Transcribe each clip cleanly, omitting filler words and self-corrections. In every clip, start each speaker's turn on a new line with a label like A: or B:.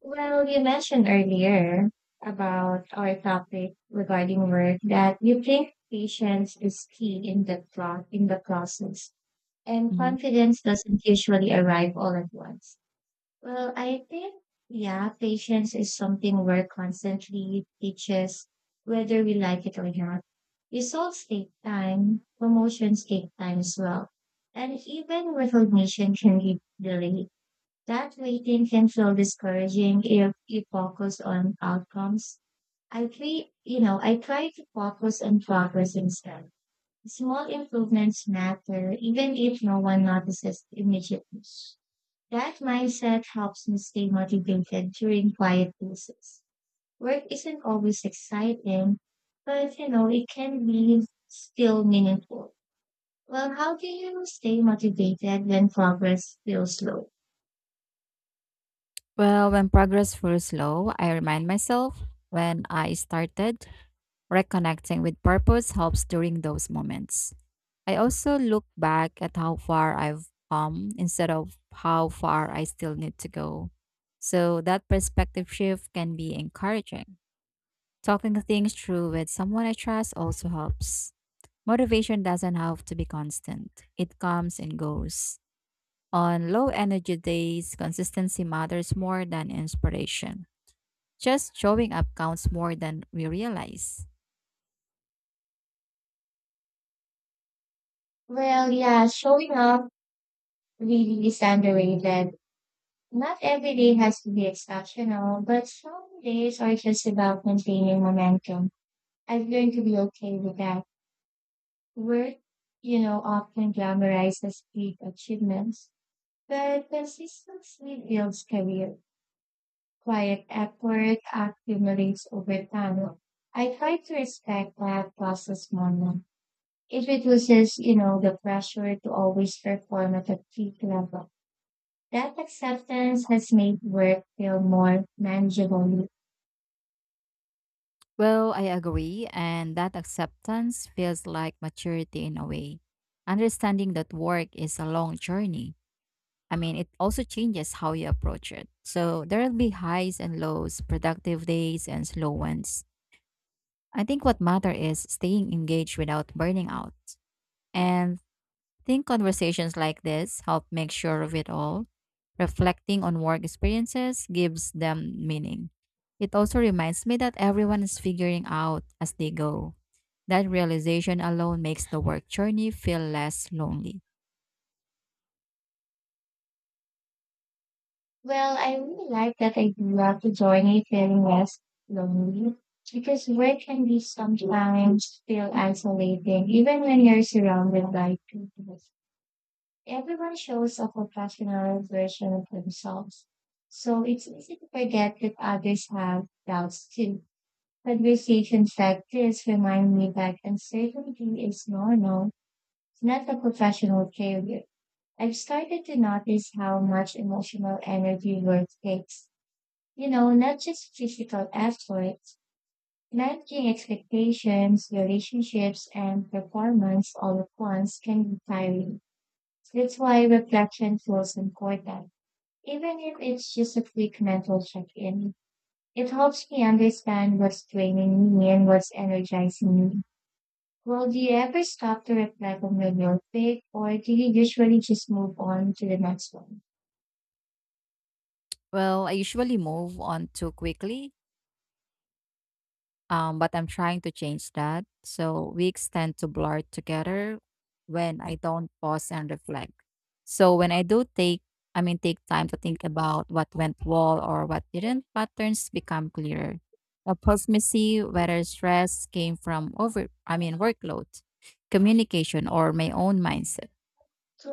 A: Well, you mentioned earlier about our topic regarding work that you think patience is key in the process, and
B: Mhm.
A: confidence doesn't usually arrive all at once. Well, I think, yeah, patience is something work constantly teaches, whether we like it or not. Results take time, promotions take time as well, and even recognition can be delayed. That waiting can feel discouraging if you focus on outcomes. I try to focus on progress instead. Small improvements matter, even if no one notices immediately. That mindset helps me stay motivated during quiet phases. Work isn't always exciting, but it can be still meaningful. Well, how do you stay motivated when progress feels slow?
B: Well, when progress feels slow, I remind myself when I started, reconnecting with purpose helps during those moments. I also look back at how far I've come instead of how far I still need to go. So that perspective shift can be encouraging. Talking things through with someone I trust also helps. Motivation doesn't have to be constant, it comes and goes. On low energy days, consistency matters more than inspiration. Just showing up counts more than we realize.
A: Well, yeah, showing up really is underrated. Not every day has to be exceptional, but some days are just about maintaining momentum. I've learned to be okay with that. Work often glamorizes big achievements, but consistency builds career. Quiet effort accumulates over time. I try to respect that process more now. It reduces the pressure to always perform at a peak level. That acceptance has made work feel more manageable.
B: Well, I agree, and that acceptance feels like maturity in a way. Understanding that work is a long journey. I mean, it also changes how you approach it. So there will be highs and lows, productive days and slow ones. I think what matters is staying engaged without burning out. And think conversations like this help make sure of it all. Reflecting on work experiences gives them meaning. It also reminds me that everyone is figuring out as they go. That realization alone makes the work journey feel less lonely.
A: Well, I really like that I grew up to journey feeling less lonely because work can be sometimes feel isolating, even when you're surrounded by people. Everyone shows a professional version of themselves. So it's easy to forget that others have doubts too. Conversations like this remind me that uncertainty is normal, not a professional failure. I've started to notice how much emotional energy work takes. Not just physical effort, managing expectations, relationships, and performance all at once can be tiring. That's why reflection feels important. Even if it's just a quick mental check in, it helps me understand what's draining me and what's energizing me. Well, do you ever stop to reflect on your guilt pick, or do you usually just move on to the next one?
B: Well, I usually move on too quickly. But I'm trying to change that. So weeks tend to blur together when I don't pause and reflect. So when I do take, I mean, take time to think about what went well or what didn't, patterns become clearer. That helps me see whether stress came from over, I mean, workload, communication, or my own mindset.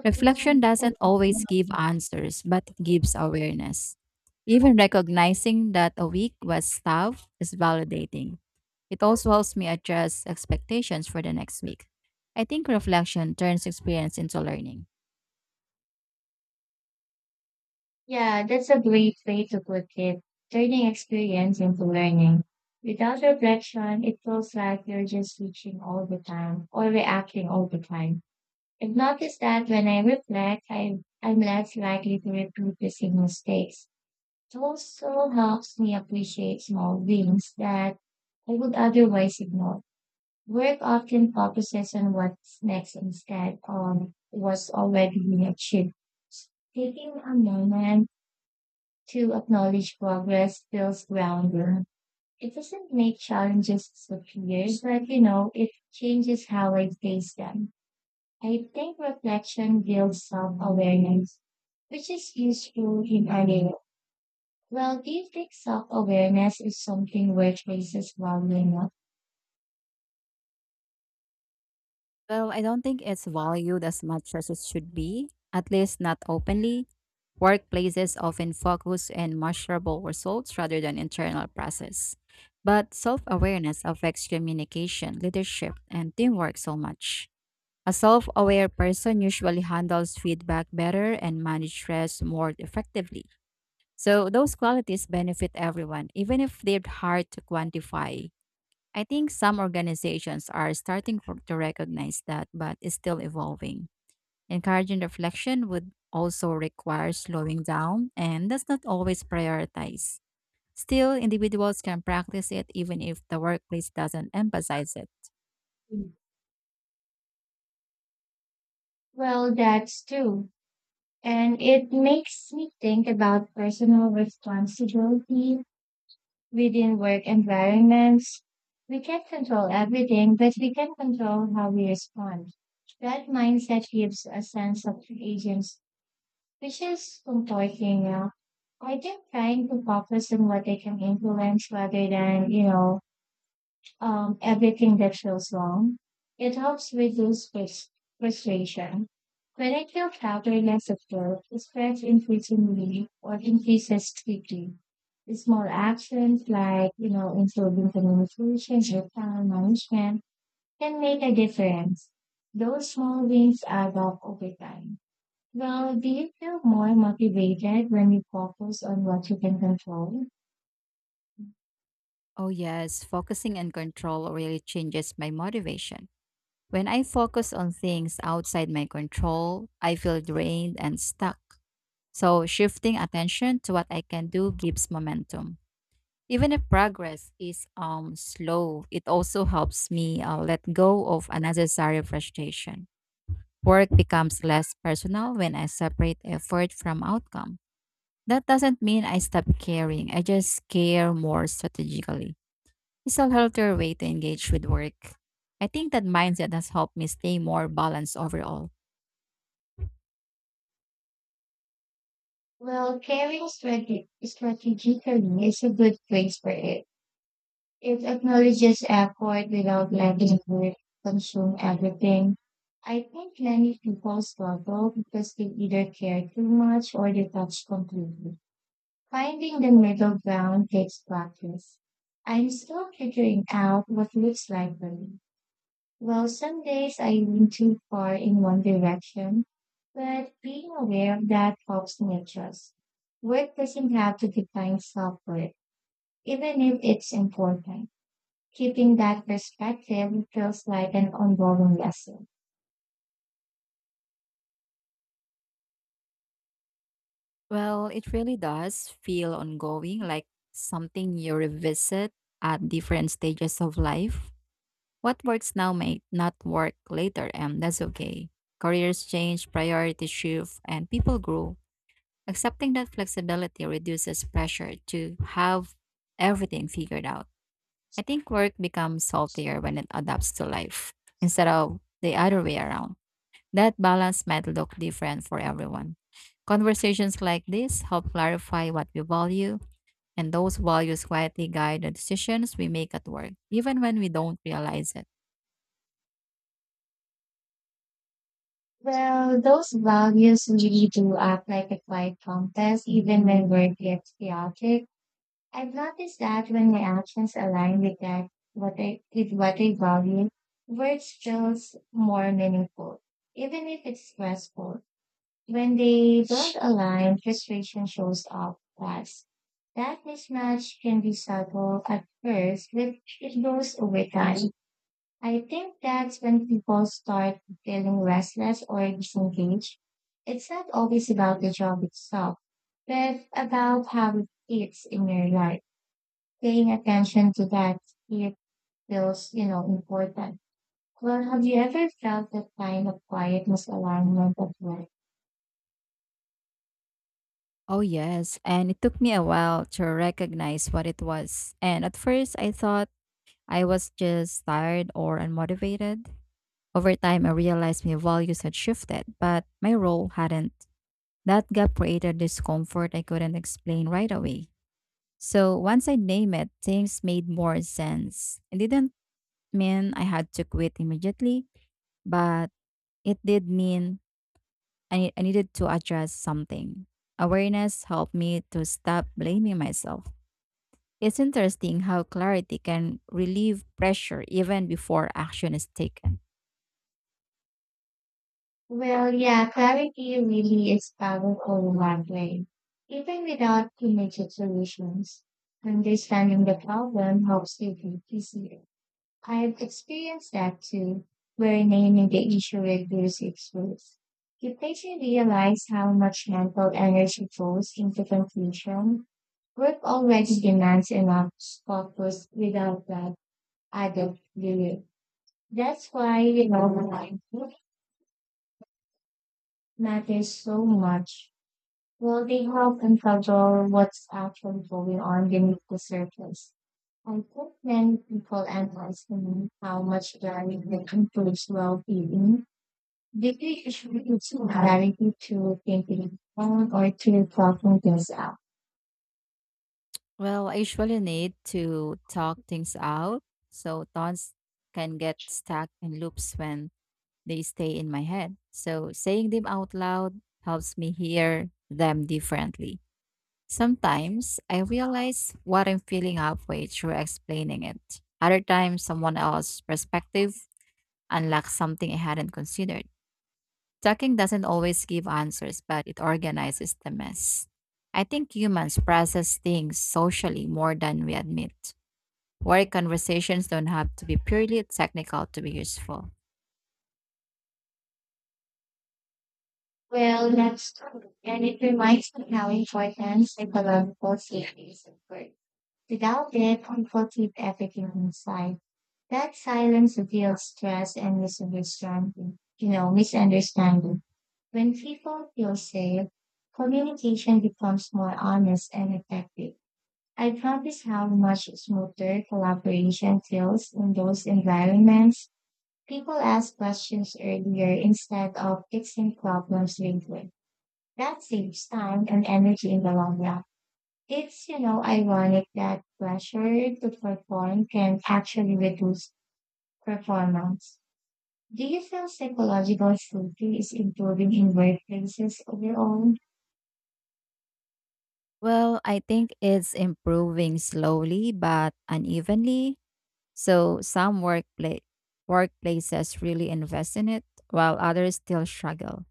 B: Reflection doesn't always give answers, but gives awareness. Even recognizing that a week was tough is validating. It also helps me adjust expectations for the next week. I think reflection turns experience into learning.
A: Yeah, that's a great way to put it. Turning experience into learning. Without reflection, it feels like you're just teaching all the time or reacting all the time. I've noticed that when I reflect, I'm less likely to repeat the same mistakes. It also helps me appreciate small wins that I would otherwise ignore. Work often focuses on what's next instead of what's already been achieved. Taking a moment to acknowledge progress feels grounding. It doesn't make challenges disappear, but it changes how I face them. I think reflection builds self awareness, which is useful in any way. Well, do you think self awareness is something workplaces value enough?
B: Well, I don't think it's valued as much as it should be, at least not openly. Workplaces often focus on measurable results rather than internal process. But self awareness affects communication, leadership, and teamwork so much. A self aware person usually handles feedback better and manages stress more effectively. So, those qualities benefit everyone, even if they're hard to quantify. I think some organizations are starting for, to recognize that, but it's still evolving. Encouraging reflection would also require slowing down, and that's not always prioritized. Still, individuals can practice it even if the workplace doesn't emphasize it.
A: Well, that's true. And it makes me think about personal responsibility within work environments. We can't control everything, but we can control how we respond. That mindset gives a sense of agents, which is comforting. I think trying to focus on what I can influence rather than, everything that feels wrong. It helps reduce frustration. When I feel powerless at work, the stress increasingly or increases quickly. Small actions like, improving communication or time management can make a difference. Those small wins add up over time. Well, do you feel more motivated when you focus on what you can control?
B: Oh, yes, focusing and control really changes my motivation. When I focus on things outside my control, I feel drained and stuck. So, shifting attention to what I can do gives momentum. Even if progress is slow, it also helps me let go of unnecessary frustration. Work becomes less personal when I separate effort from outcome. That doesn't mean I stop caring. I just care more strategically. It's a healthier way to engage with work. I think that mindset has helped me stay more balanced overall.
A: Well, caring strategically is a good place for it. It acknowledges effort without letting it consume everything. I think many people struggle because they either care too much or detach completely. Finding the middle ground takes practice. I'm still figuring out what looks like for me. Well, some days I lean too far in one direction, but being aware of that helps me adjust. Work doesn't have to define self worth, even if it's important. Keeping that perspective feels like an ongoing lesson.
B: Well, it really does feel ongoing, like something you revisit at different stages of life. What works now may not work later, and that's okay. Careers change, priorities shift, and people grow. Accepting that flexibility reduces pressure to have everything figured out. I think work becomes saltier when it adapts to life instead of the other way around. That balance might look different for everyone. Conversations like this help clarify what we value, and those values quietly guide the decisions we make at work, even when we don't realize it.
A: Well, those values really do act like a quiet compass, even when work gets chaotic. I've noticed that when my actions align with that, what I with what I value, words feels more meaningful, even if it's stressful. When they don't align, frustration shows up fast. That mismatch can be subtle at first, but it grows over time. I think that's when people start feeling restless or disengaged. It's not always about the job itself, but about how it fits in your life, paying attention to that, it feels, important. Well, have you ever felt that kind of quietness misalignment at work?
B: Oh, yes. And it took me a while to recognize what it was. And at first, I thought I was just tired or unmotivated. Over time, I realized my values had shifted, but my role hadn't. That gap created discomfort I couldn't explain right away. So once I named it, things made more sense. It didn't mean I had to quit immediately, but it did mean I needed to address something. Awareness helped me to stop blaming myself. It's interesting how clarity can relieve pressure even before action is taken.
A: Well, yeah, clarity really is powerful in that way. Even without immediate solutions, understanding the problem helps you be easier. I've experienced that too, where naming the issue reduces its worth. It makes you patiently realize how much mental energy goes into confusion. Work already demands enough focus without that added layer. That's why you know matters so much. Well, they help uncover what's actually going on beneath the surface. I think many people underestimate how much learning can improves well-being. Deeply contributes directly to thinking on or to problem things out.
B: Well, I usually need to talk things out, so thoughts can get stuck in loops when they stay in my head. So saying them out loud helps me hear them differently. Sometimes I realize what I'm feeling halfway through explaining it. Other times, someone else's perspective unlocks something I hadn't considered. Talking doesn't always give answers, but it organizes the mess. I think humans process things socially more than we admit. Work conversations don't have to be purely technical to be useful.
A: Well, that's true. And it reminds me how important psychological safety is at work. Without it, people keep everything inside. That silence reveals stress and misunderstanding. Misunderstanding. When people feel safe, communication becomes more honest and effective. I notice how much smoother collaboration feels in those environments. People ask questions earlier instead of fixing problems later. That saves time and energy in the long run. It's ironic that pressure to perform can actually reduce performance. Do you feel psychological safety is improving in workplaces overall?
B: Well, I think it's improving slowly but unevenly. So workplaces really invest in it, while others still struggle.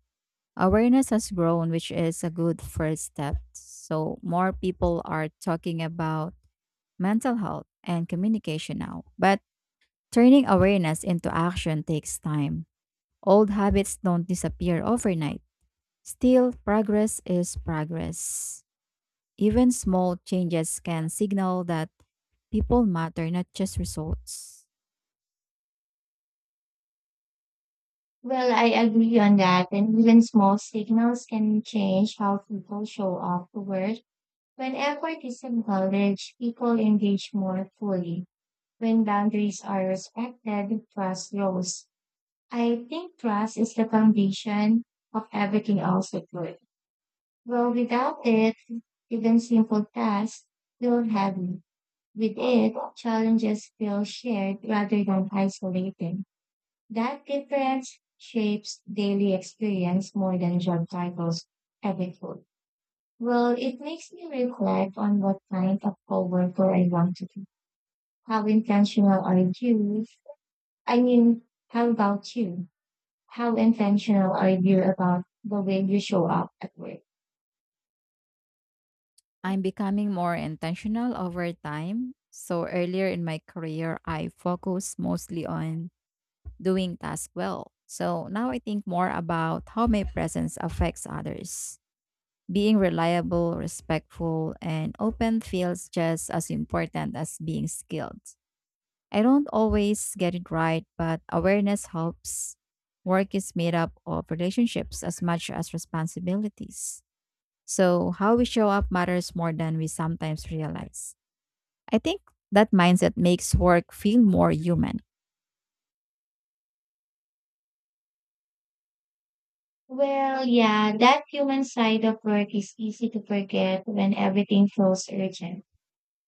B: Awareness has grown, which is a good first step. So more people are talking about mental health, and communication now. But turning awareness into action takes time. Old habits don't disappear overnight. Still, progress is progress. Even small changes can signal that people matter, not just results.
A: Well, I agree on that. And even small signals can change how people show up to work. When effort is acknowledged, people engage more fully. When boundaries are respected, trust grows. I think trust is the foundation of everything else at work. Well, without it, even simple tasks feel heavy. With it, challenges feel shared rather than isolated. That difference shapes daily experience more than job titles ever could. Well, it makes me reflect on what kind of coworker I want to be. How intentional are you? I mean, how about you? How intentional are you about the way you show up at work?
B: I'm becoming more intentional over time. So, earlier in my career, I focused mostly on doing tasks well. So, now I think more about how my presence affects others. Being reliable, respectful, and open feels just as important as being skilled. I don't always get it right, but awareness helps. Work is made up of relationships as much as responsibilities. So, how we show up matters more than we sometimes realize. I think that mindset makes work feel more human.
A: Well, yeah, that human side of work is easy to forget when everything feels urgent.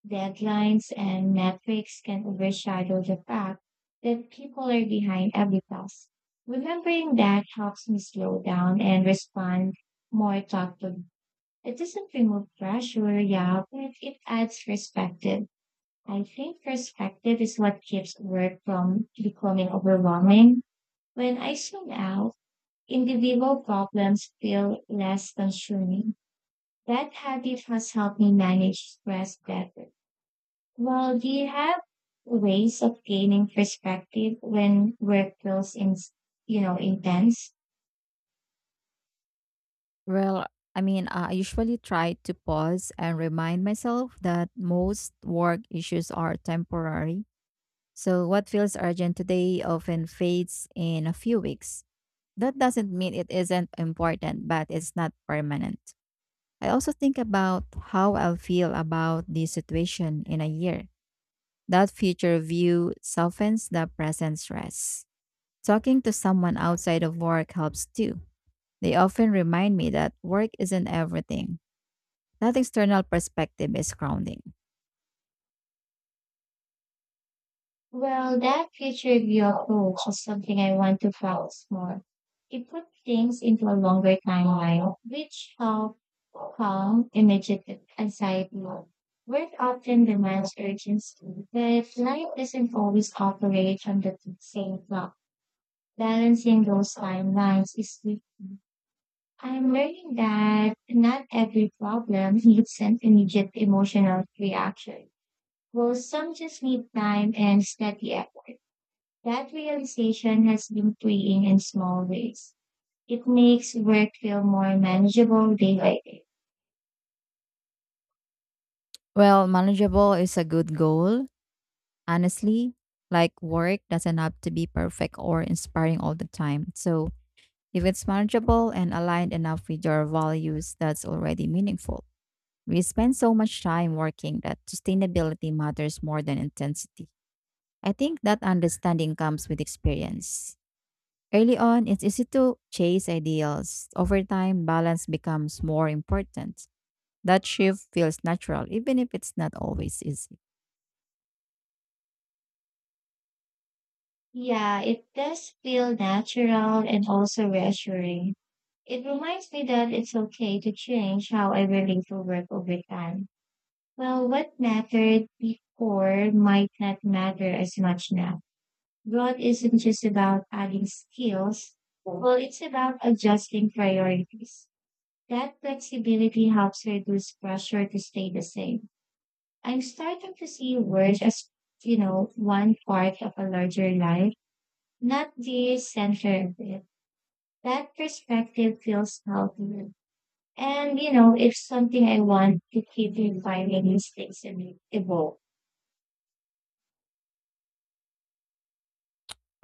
A: Deadlines and metrics can overshadow the fact that people are behind every task. Remembering that helps me slow down and respond more thoughtfully. It doesn't remove pressure, yeah, but it adds perspective. I think perspective is what keeps work from becoming overwhelming. When I zoom out, individual problems feel less consuming. That habit has helped me manage stress better. Well, do you have ways of gaining perspective when work feels intense?
B: Well, I mean, I usually try to pause and remind myself that most work issues are temporary. So, what feels urgent today often fades in a few weeks. That doesn't mean it isn't important, but it's not permanent. I also think about how I'll feel about the situation in a year. That future view softens the present stress. Talking to someone outside of work helps too. They often remind me that work isn't everything. That external perspective is grounding.
A: Well, that future view approach is something I want to focus more. It put things into a longer timeline, which help calm immediate anxiety. Work often demands urgency, but life doesn't always operate on the same clock. Balancing those timelines is tricky. I'm learning that not every problem needs an immediate emotional reaction. Well, some just need time and steady effort. That realization has been freeing in small ways. It makes work feel more manageable day by day.
B: Well, manageable is a good goal. Honestly, like work doesn't have to be perfect or inspiring all the time. So if it's manageable and aligned enough with your values, that's already meaningful. We spend so much time working that sustainability matters more than intensity. I think that understanding comes with experience. Early on, it's easy to chase ideals. Over time, balance becomes more important. That shift feels natural, even if it's not always easy.
A: Yeah, it does feel natural and also reassuring. It reminds me that it's okay to change how I relate to work over time. Well, what mattered before might not matter as much now. Growth isn't just about adding skills. Well, it's about adjusting priorities. That flexibility helps reduce pressure to stay the same. I'm starting to see work as, one part of a larger life, not the center of it. That perspective feels healthier. And, it's something I want to keep refining mistakes and evolve.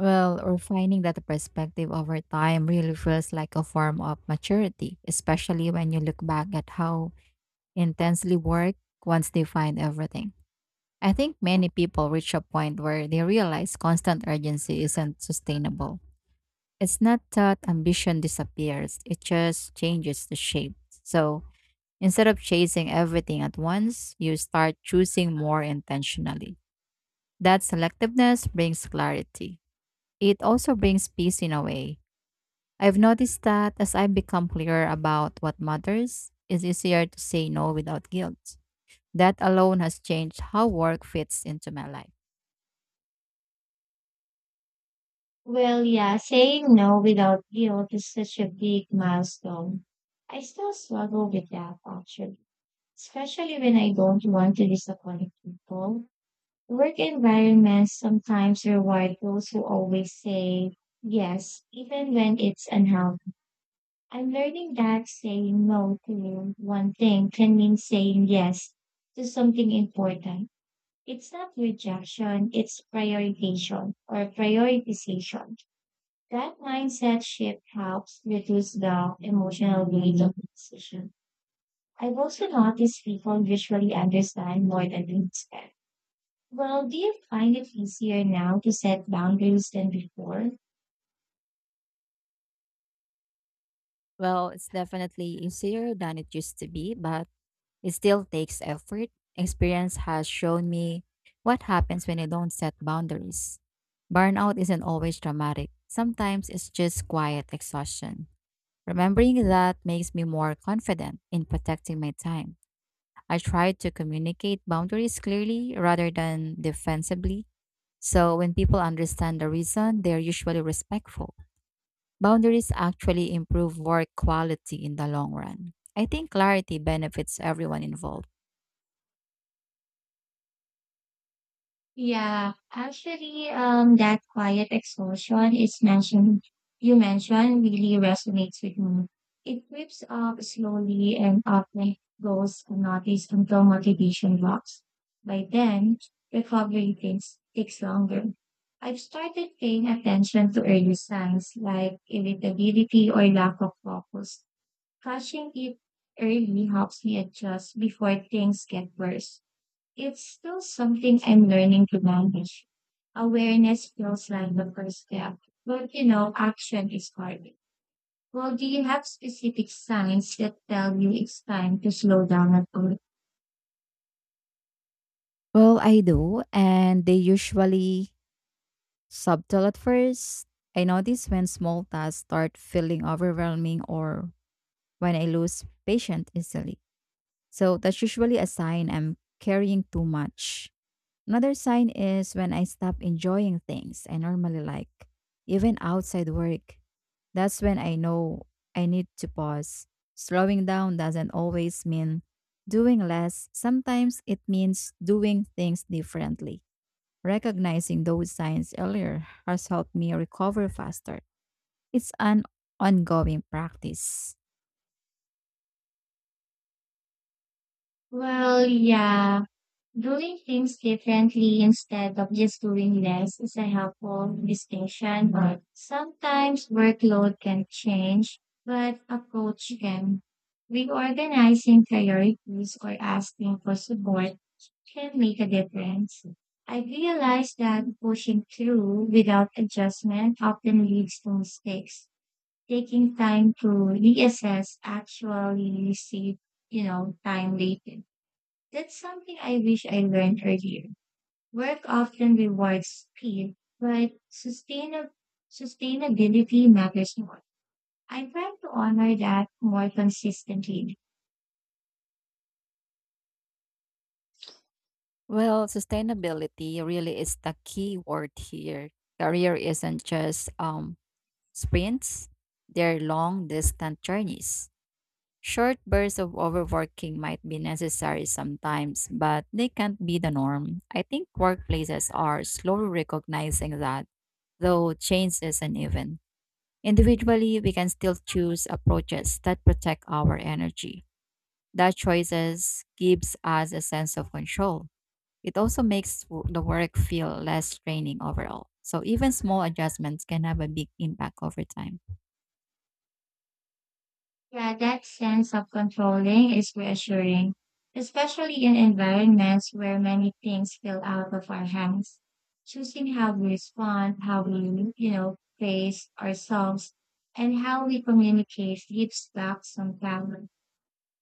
B: Well, refining that perspective over time really feels like a form of maturity, especially when you look back at how intensely work once defined everything. I think many people reach a point where they realize constant urgency isn't sustainable. It's not that ambition disappears, it just changes the shape. So instead of chasing everything at once, you start choosing more intentionally. That selectiveness brings clarity. It also brings peace in a way. I've noticed that as I've become clearer about what matters, it's easier to say no without guilt. That alone has changed how work fits into my life.
A: Well, yeah, saying no without guilt is such a big milestone. I still struggle with that, actually, especially when I don't want to disappoint people. Work environments sometimes reward those who always say yes, even when it's unhealthy. I'm learning that saying no to one thing can mean saying yes to something important. It's not rejection, it's prioritization or prioritization. That mindset shift helps reduce the emotional weight of the decision. I've also noticed people usually understand more than we expect. Well, do you find it easier now to set boundaries than before?
B: Well, it's definitely easier than it used to be, but it still takes effort. Experience has shown me what happens when you don't set boundaries. Burnout isn't always dramatic, sometimes it's just quiet exhaustion. Remembering that makes me more confident in protecting my time. I try to communicate boundaries clearly rather than defensively. So when people understand the reason, they're usually respectful. Boundaries actually improve work quality in the long run. I think clarity benefits everyone involved.
A: Yeah, actually, that quiet exhaustion is mentioned, you mentioned really resonates with me. It creeps up slowly and often goes unnoticed until motivation drops. By then, recovery takes longer. I've started paying attention to early signs like irritability or lack of focus. Catching it early helps me adjust before things get worse. It's still something I'm learning to manage. Awareness feels like the first step, but action is hard. Well, do you have specific signs that tell you it's time to slow down at all?
B: Well, I do, and they usually subtle at first. I notice when small tasks start feeling overwhelming or when I lose patience easily. So that's usually a sign I'm carrying too much. Another sign is when I stop enjoying things I normally like, even outside work. That's when I know I need to pause. Slowing down doesn't always mean doing less, sometimes it means doing things differently. Recognizing those signs earlier has helped me recover faster. It's an ongoing practice.
A: Well, yeah, doing things differently instead of just doing less is a helpful distinction, but sometimes workload can change, but approach can. Reorganizing priorities or asking for support can make a difference. I realized that pushing through without adjustment often leads to mistakes. Taking time to reassess actually save, time later. That's something I wish I learned earlier. Work often rewards speed, but sustainability matters more. I am trying to honor that more consistently.
B: Well, sustainability really is the key word here. Career isn't just sprints, they're long distant journeys. Short bursts of overworking might be necessary sometimes, but they can't be the norm. I think workplaces are slowly recognizing that, though change is uneven. Individually, we can still choose approaches that protect our energy. That choices gives us a sense of control. It also the work feel less draining overall. So even small adjustments can have a big impact over time.
A: Yeah, that sense of controlling is reassuring, especially in environments where many things feel out of our hands. Choosing how we respond, how we, face ourselves, and how we communicate gives back some power.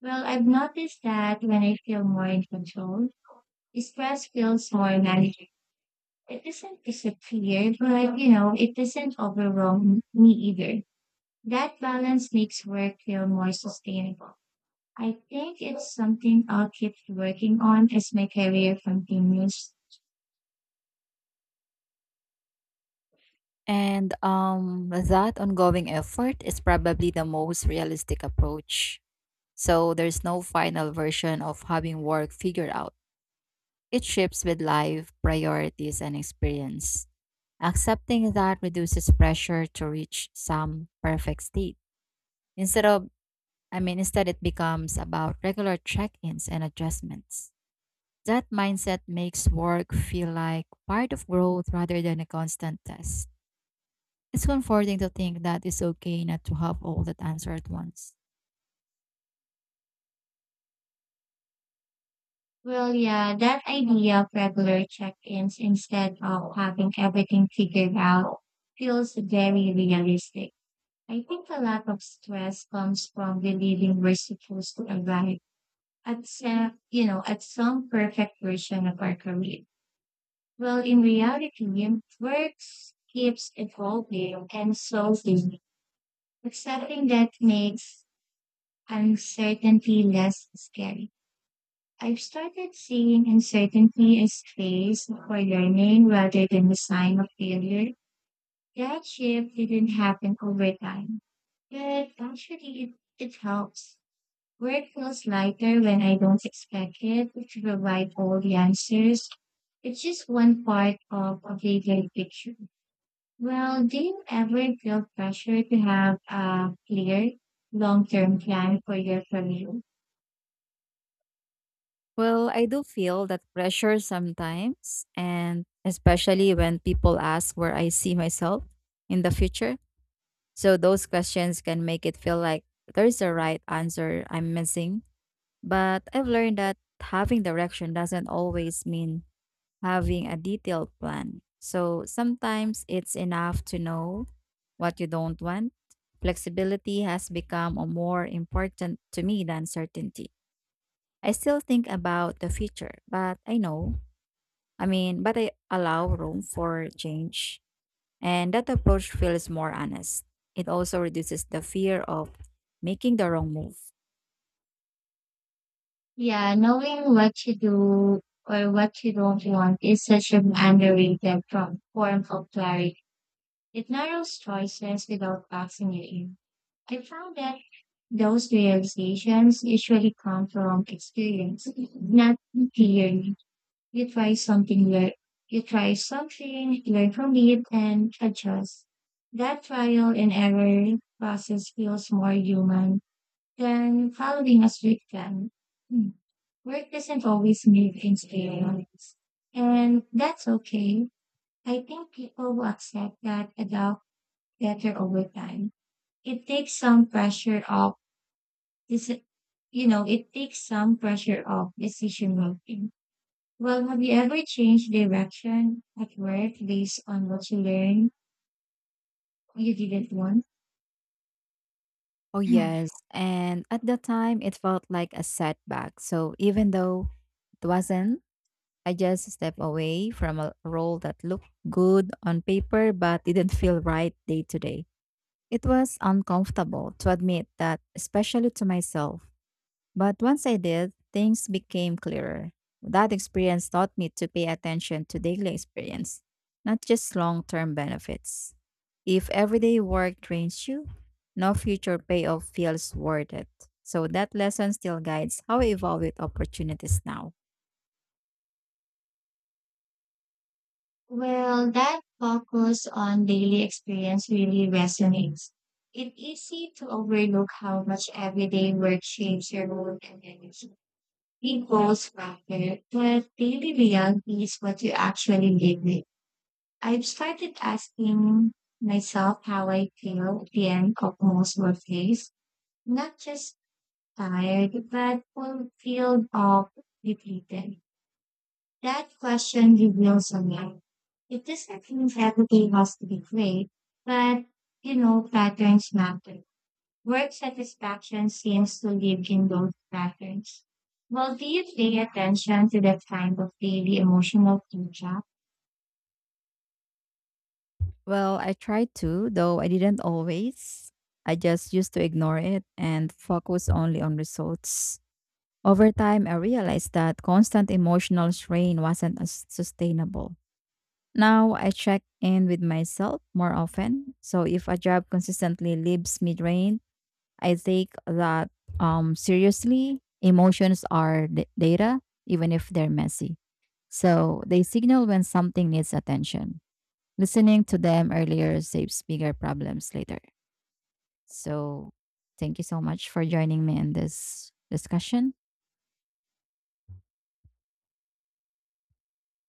A: Well, I've noticed that when I feel more in control, stress feels more manageable. It doesn't disappear, but, it doesn't overwhelm me either. That balance makes work feel more sustainable. I think it's something I'll keep working on as my career continues.
B: And that ongoing effort is probably the most realistic approach. So there's no final version of having work figured out. It shifts with life, priorities, and experience. Accepting that reduces pressure to reach some perfect state. Instead of, I mean, Instead it becomes about regular check ins and adjustments. That mindset makes work feel like part of growth rather than a constant test. It's comforting to think that it's okay not to have all that answer at once.
A: Well, yeah, that idea of regular check-ins instead of having everything figured out feels very realistic. I think a lot of stress comes from believing we're supposed to arrive at at some perfect version of our career. Well, in reality, work keeps evolving and so do. Accepting that makes uncertainty less scary. I've started seeing uncertainty as space for learning rather than a sign of failure. That shift didn't happen over time, but actually it helps. Work feels lighter when I don't expect it to provide all the answers. It's just one part of a bigger picture. Well, do you ever feel pressure to have a clear long-term plan for your career?
B: Well, I do feel that pressure sometimes, and especially when people ask where I see myself in the future. So, those questions can make it feel like there's a right answer I'm missing. But I've learned that having direction doesn't always mean having a detailed plan. So sometimes it's enough to know what you don't want. Flexibility has become a more important to me than certainty. I still think about the future, but I know, I mean, but I allow room for change. And that approach feels more honest. It also reduces the fear of making the wrong move.
A: Yeah, knowing what you do or what you don't want is such an underrated from form of clarity. It narrows choices without boxing you in. I found that those realizations usually come from experience, not theory. You try something, lear- you try something, learn from it, and adjust. That trial and error process feels more human then following a strict plan. Hmm. Work doesn't always mean experience. And that's okay. I think people will accept that adult better over time. It takes some pressure off this it takes some pressure off decision making. Well, have you ever changed direction at work based on what you learned you didn't want?
B: Oh, yes. And at the time, it felt like a setback. So even though it wasn't, I just stepped away from a role that looked good on paper but didn't feel right day to day. It was uncomfortable to admit that, especially to myself. But once I did, things became clearer. That experience taught me to pay attention to daily experience, not just long term benefits. If everyday work drains you, no future payoff feels worth it. So that lesson still guides how I evaluate opportunities now.
A: Well, that focus on daily experience really resonates. It's easy to overlook how much everyday work shapes your mood and energy. Big goals matter, but daily reality is what you actually live with. I've started asking myself how I feel at the end of most workdays, not just tired, but fulfilled or depleted. That question reveals a lot. It doesn't mean everything has to be great, but patterns matter. Work satisfaction seems to live in those patterns. Well, do you pay attention to that kind of daily emotional feedback?
B: Well, I tried to, though I didn't always. I just used to ignore it and focus only on results. Over time, I realized that constant emotional strain wasn't as sustainable. Now I check in with myself more often. So if a job consistently leaves me drained, I take that seriously. Data, even if they're messy. So they signal when something needs attention. Listening to them earlier saves bigger problems later. So, thank you so much for joining me in this discussion.